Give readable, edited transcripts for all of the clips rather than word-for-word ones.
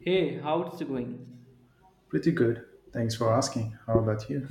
Hey, how's it going? Pretty good. Thanks for asking. How about you?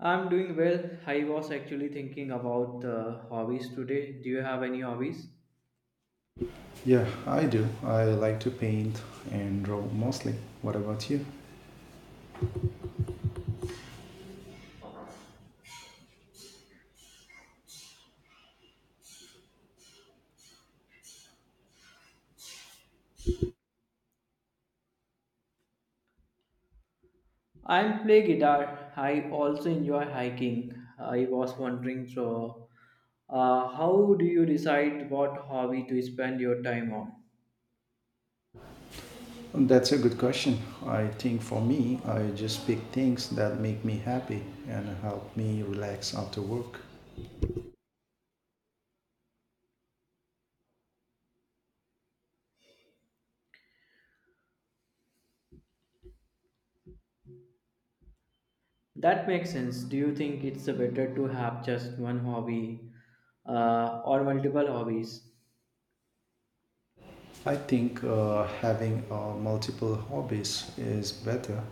I'm doing well. I was actually thinking about hobbies today. Do you have any hobbies? Yeah, I do. I like to paint and draw mostly. What about you? I play guitar. I also enjoy hiking. I was wondering, how do you decide what hobby to spend your time on? That's a good question. I think for me, I just pick things that make me happy and help me relax after work. That makes sense. Do you think it's better to have just one hobby or multiple hobbies? I think having multiple hobbies is better.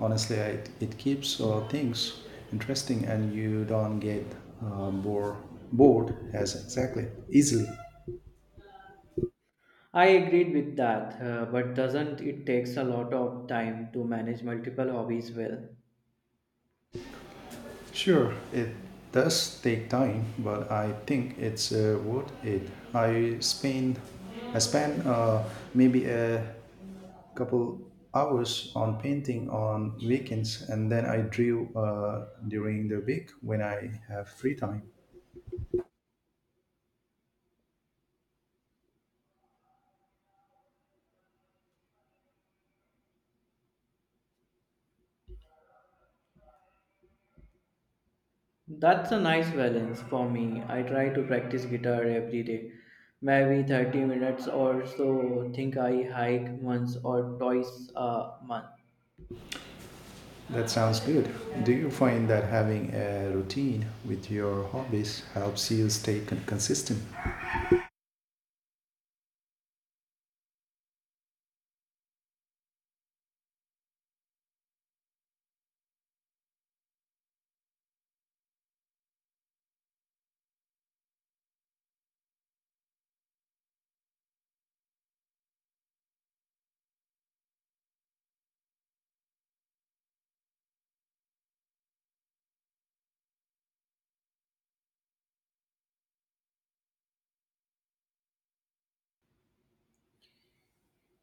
Honestly, it keeps things interesting and you don't get uh, bore, bored as exactly easily. I agreed with that, but doesn't it takes a lot of time to manage multiple hobbies well? Sure, it does take time, but I think it's worth it. I spend maybe a couple hours on painting on weekends, and then I drew during the week when I have free time. That's a nice balance for me. I try to practice guitar every day, maybe 30 minutes or so. Think I hike once or twice a month. That sounds good. Do you find that having a routine with your hobbies helps you stay consistent?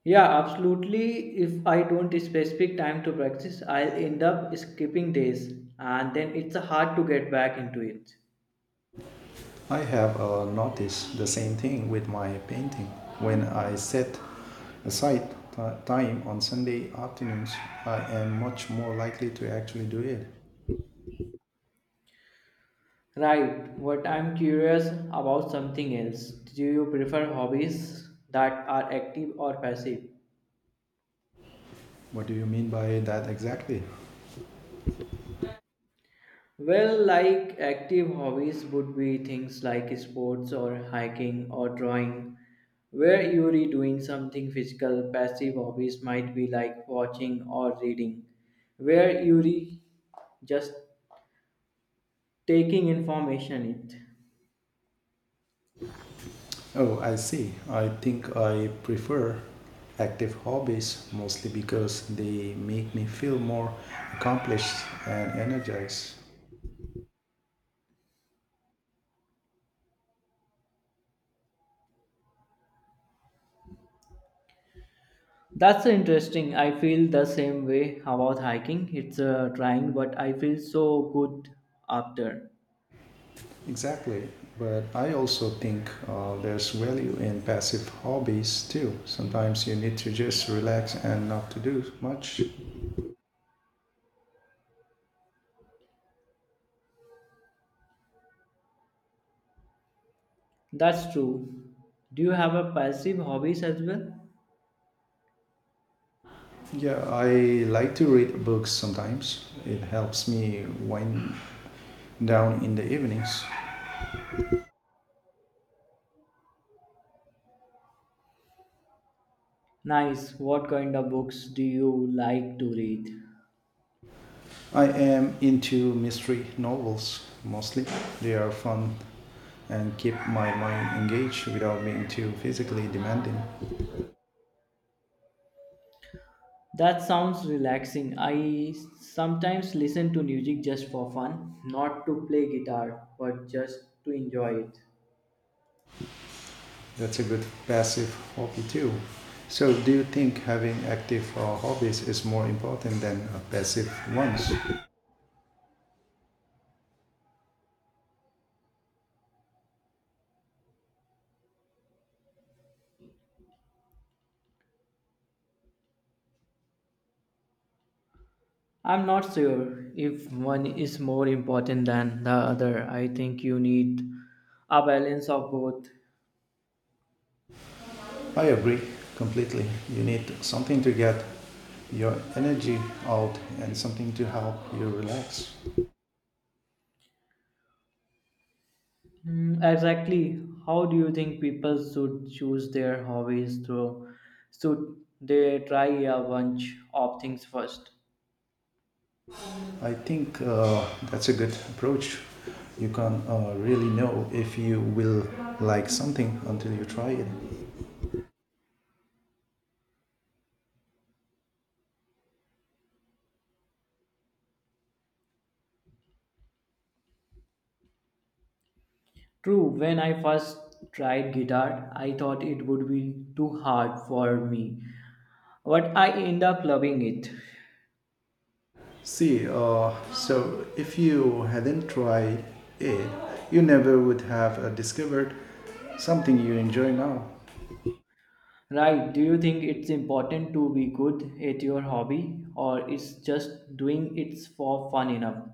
Yeah, absolutely. If I don't specific time to practice, I'll end up skipping days and then it's hard to get back into it. I have noticed the same thing with my painting. When I set aside time on Sunday afternoons, I am much more likely to actually do it. Right, but I'm curious about something else. Do you prefer hobbies that are active or passive? What do you mean by that exactly? Well, like active hobbies would be things like sports or hiking or drawing, where you're doing something physical. Passive hobbies might be like watching or reading, where you're just taking information in. Oh, I see. I think I prefer active hobbies mostly because they make me feel more accomplished and energized. That's interesting. I feel the same way about hiking. It's trying, but I feel so good after. Exactly. But I also think there's value in passive hobbies too. Sometimes you need to just relax and not to do much. That's true. Do you have a passive hobbies as well? Yeah, I like to read books sometimes. It helps me wind down in the evenings. Nice. What kind of books do you like to read? I am into mystery novels mostly. They are fun and keep my mind engaged without being too physically demanding. That sounds relaxing. I sometimes listen to music just for fun, not to play guitar, but just to enjoy it. That's a good passive hobby too. So, do you think having active hobbies is more important than passive ones? I'm not sure if one is more important than the other. I think you need a balance of both. I agree completely. You need something to get your energy out and something to help you relax. Mm, exactly. How do you think people should choose their hobbies through? Should they try a bunch of things first? I think that's a good approach. You can really know if you will like something until you try it. True, when I first tried guitar, I thought it would be too hard for me, but I end up loving it. See, so if you hadn't tried it, you never would have discovered something you enjoy now. Right, do you think it's important to be good at your hobby or it's just doing it for fun enough?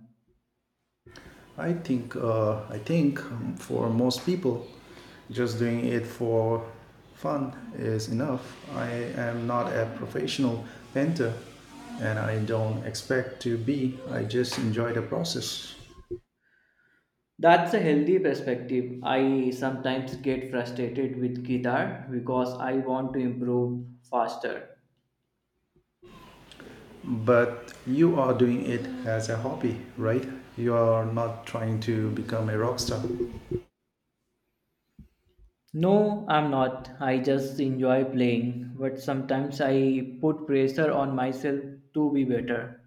I think for most people, just doing it for fun is enough. I am not a professional painter and I don't expect to be. I just enjoy the process. That's a healthy perspective. I sometimes get frustrated with guitar because I want to improve faster. But you are doing it as a hobby, right? You are not trying to become a rock star. No, I'm not. I just enjoy playing, but sometimes I put pressure on myself to be better.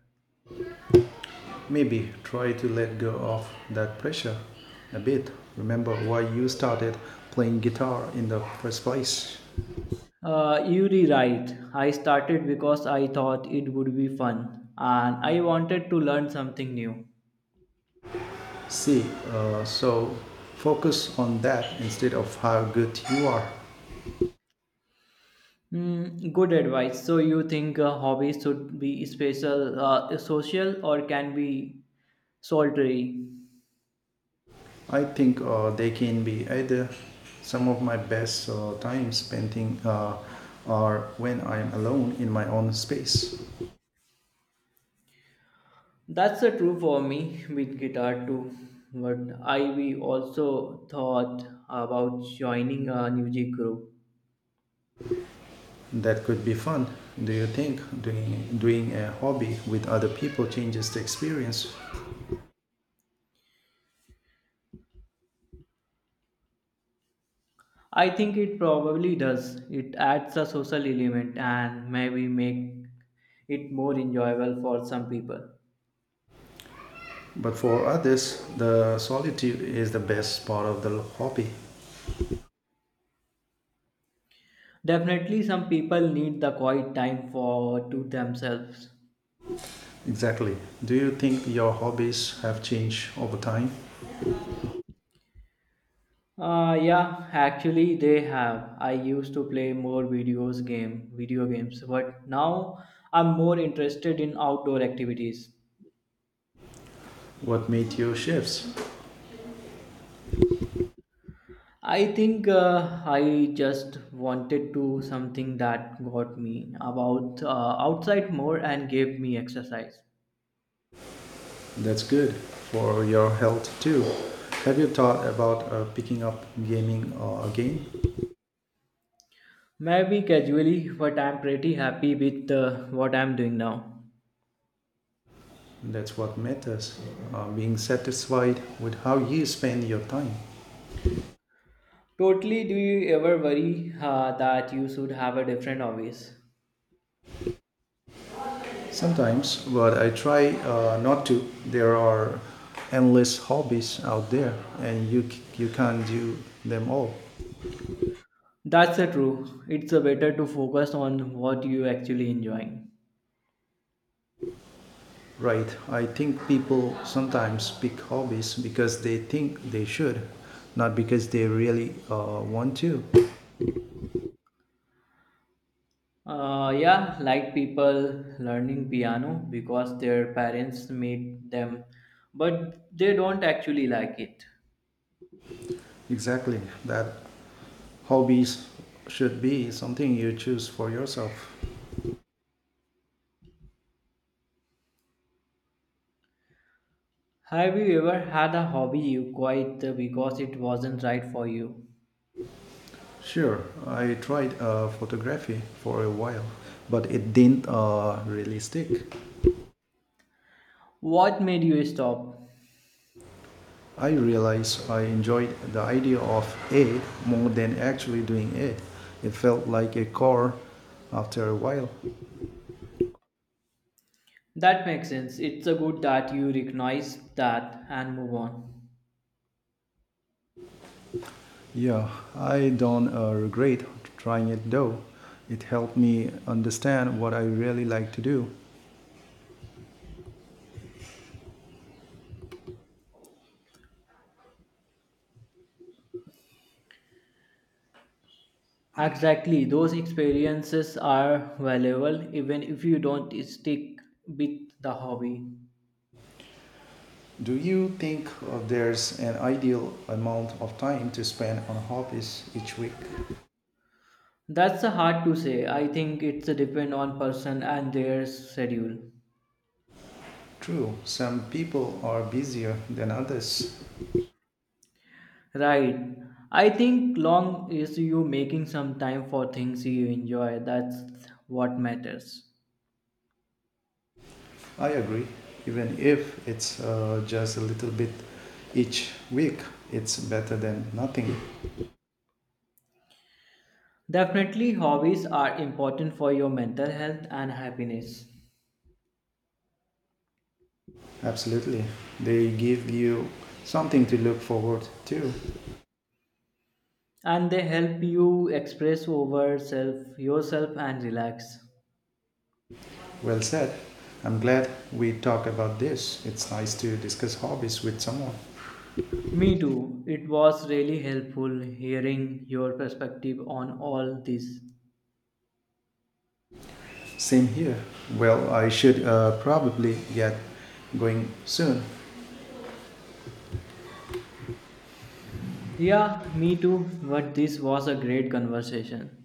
Maybe try to let go of that pressure a bit. Remember why you started playing guitar in the first place. You're right. I started because I thought it would be fun and I wanted to learn something new. See, so focus on that instead of how good you are. Mm, good advice. So, you think a hobby should be special, social, or can be solitary? I think they can be either some of my best times painting are when I'm alone in my own space. That's the true for me with guitar too. But I we also thought about joining a music group. That could be fun. Do you think doing a hobby with other people changes the experience? I think it probably does. It adds a social element and maybe make it more enjoyable for some people. But for others, the solitude is the best part of the hobby. Definitely, some people need the quiet time for to themselves. Exactly. Do you think your hobbies have changed over time? Yeah, actually they have. I used to play more video games, but now I'm more interested in outdoor activities. What made you shifts? I think I just wanted to something that got me about outside more and gave me exercise. That's good for your health too. Have you thought about picking up gaming again? Maybe casually, but I'm pretty happy with what I'm doing now. That's what matters. Being satisfied with how you spend your time. Totally, do you ever worry that you should have a different hobbies? Sometimes, but I try not to. There are endless hobbies out there, and you can't do them all. That's the true. It's better to focus on what you actually enjoying. Right. I think people sometimes pick hobbies because they think they should, not because they really want to. Yeah, like people learning piano because their parents made them, but they don't actually like it. Exactly. That hobbies should be something you choose for yourself. Have you ever had a hobby you quit because it wasn't right for you? Sure, I tried photography for a while, but it didn't really stick. What made you stop? I realized I enjoyed the idea of it more than actually doing it. It felt like a chore after a while. That makes sense. It's a good that you recognize that and move on. Yeah, I don't regret trying it though. It helped me understand what I really like to do. Exactly, those experiences are valuable even if you don't stick with the hobby. Do you think there's an ideal amount of time to spend on hobbies each week? That's hard to say. I think it's depend on person and their schedule. True, some people are busier than others. Right. I think long is you making some time for things you enjoy. That's what matters. I agree. Even if it's just a little bit each week, it's better than nothing. Definitely hobbies are important for your mental health and happiness. Absolutely. They give you something to look forward to. And they help you express over self yourself and relax. Well said. I'm glad we talk about this. It's nice to discuss hobbies with someone. Me too. It was really helpful hearing your perspective on all this. Same here. Well, I should probably get going soon. Yeah, me too. But this was a great conversation.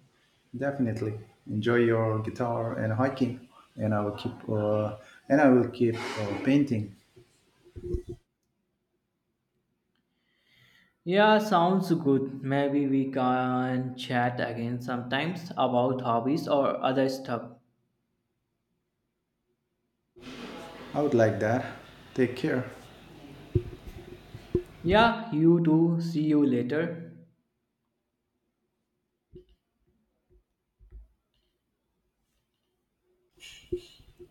Definitely. Enjoy your guitar and hiking, and I will keep uh, and I will keep painting. Yeah, sounds good. Maybe we can chat again sometimes about hobbies or other stuff. I would like that. Take care. Yeah, you too. See you later.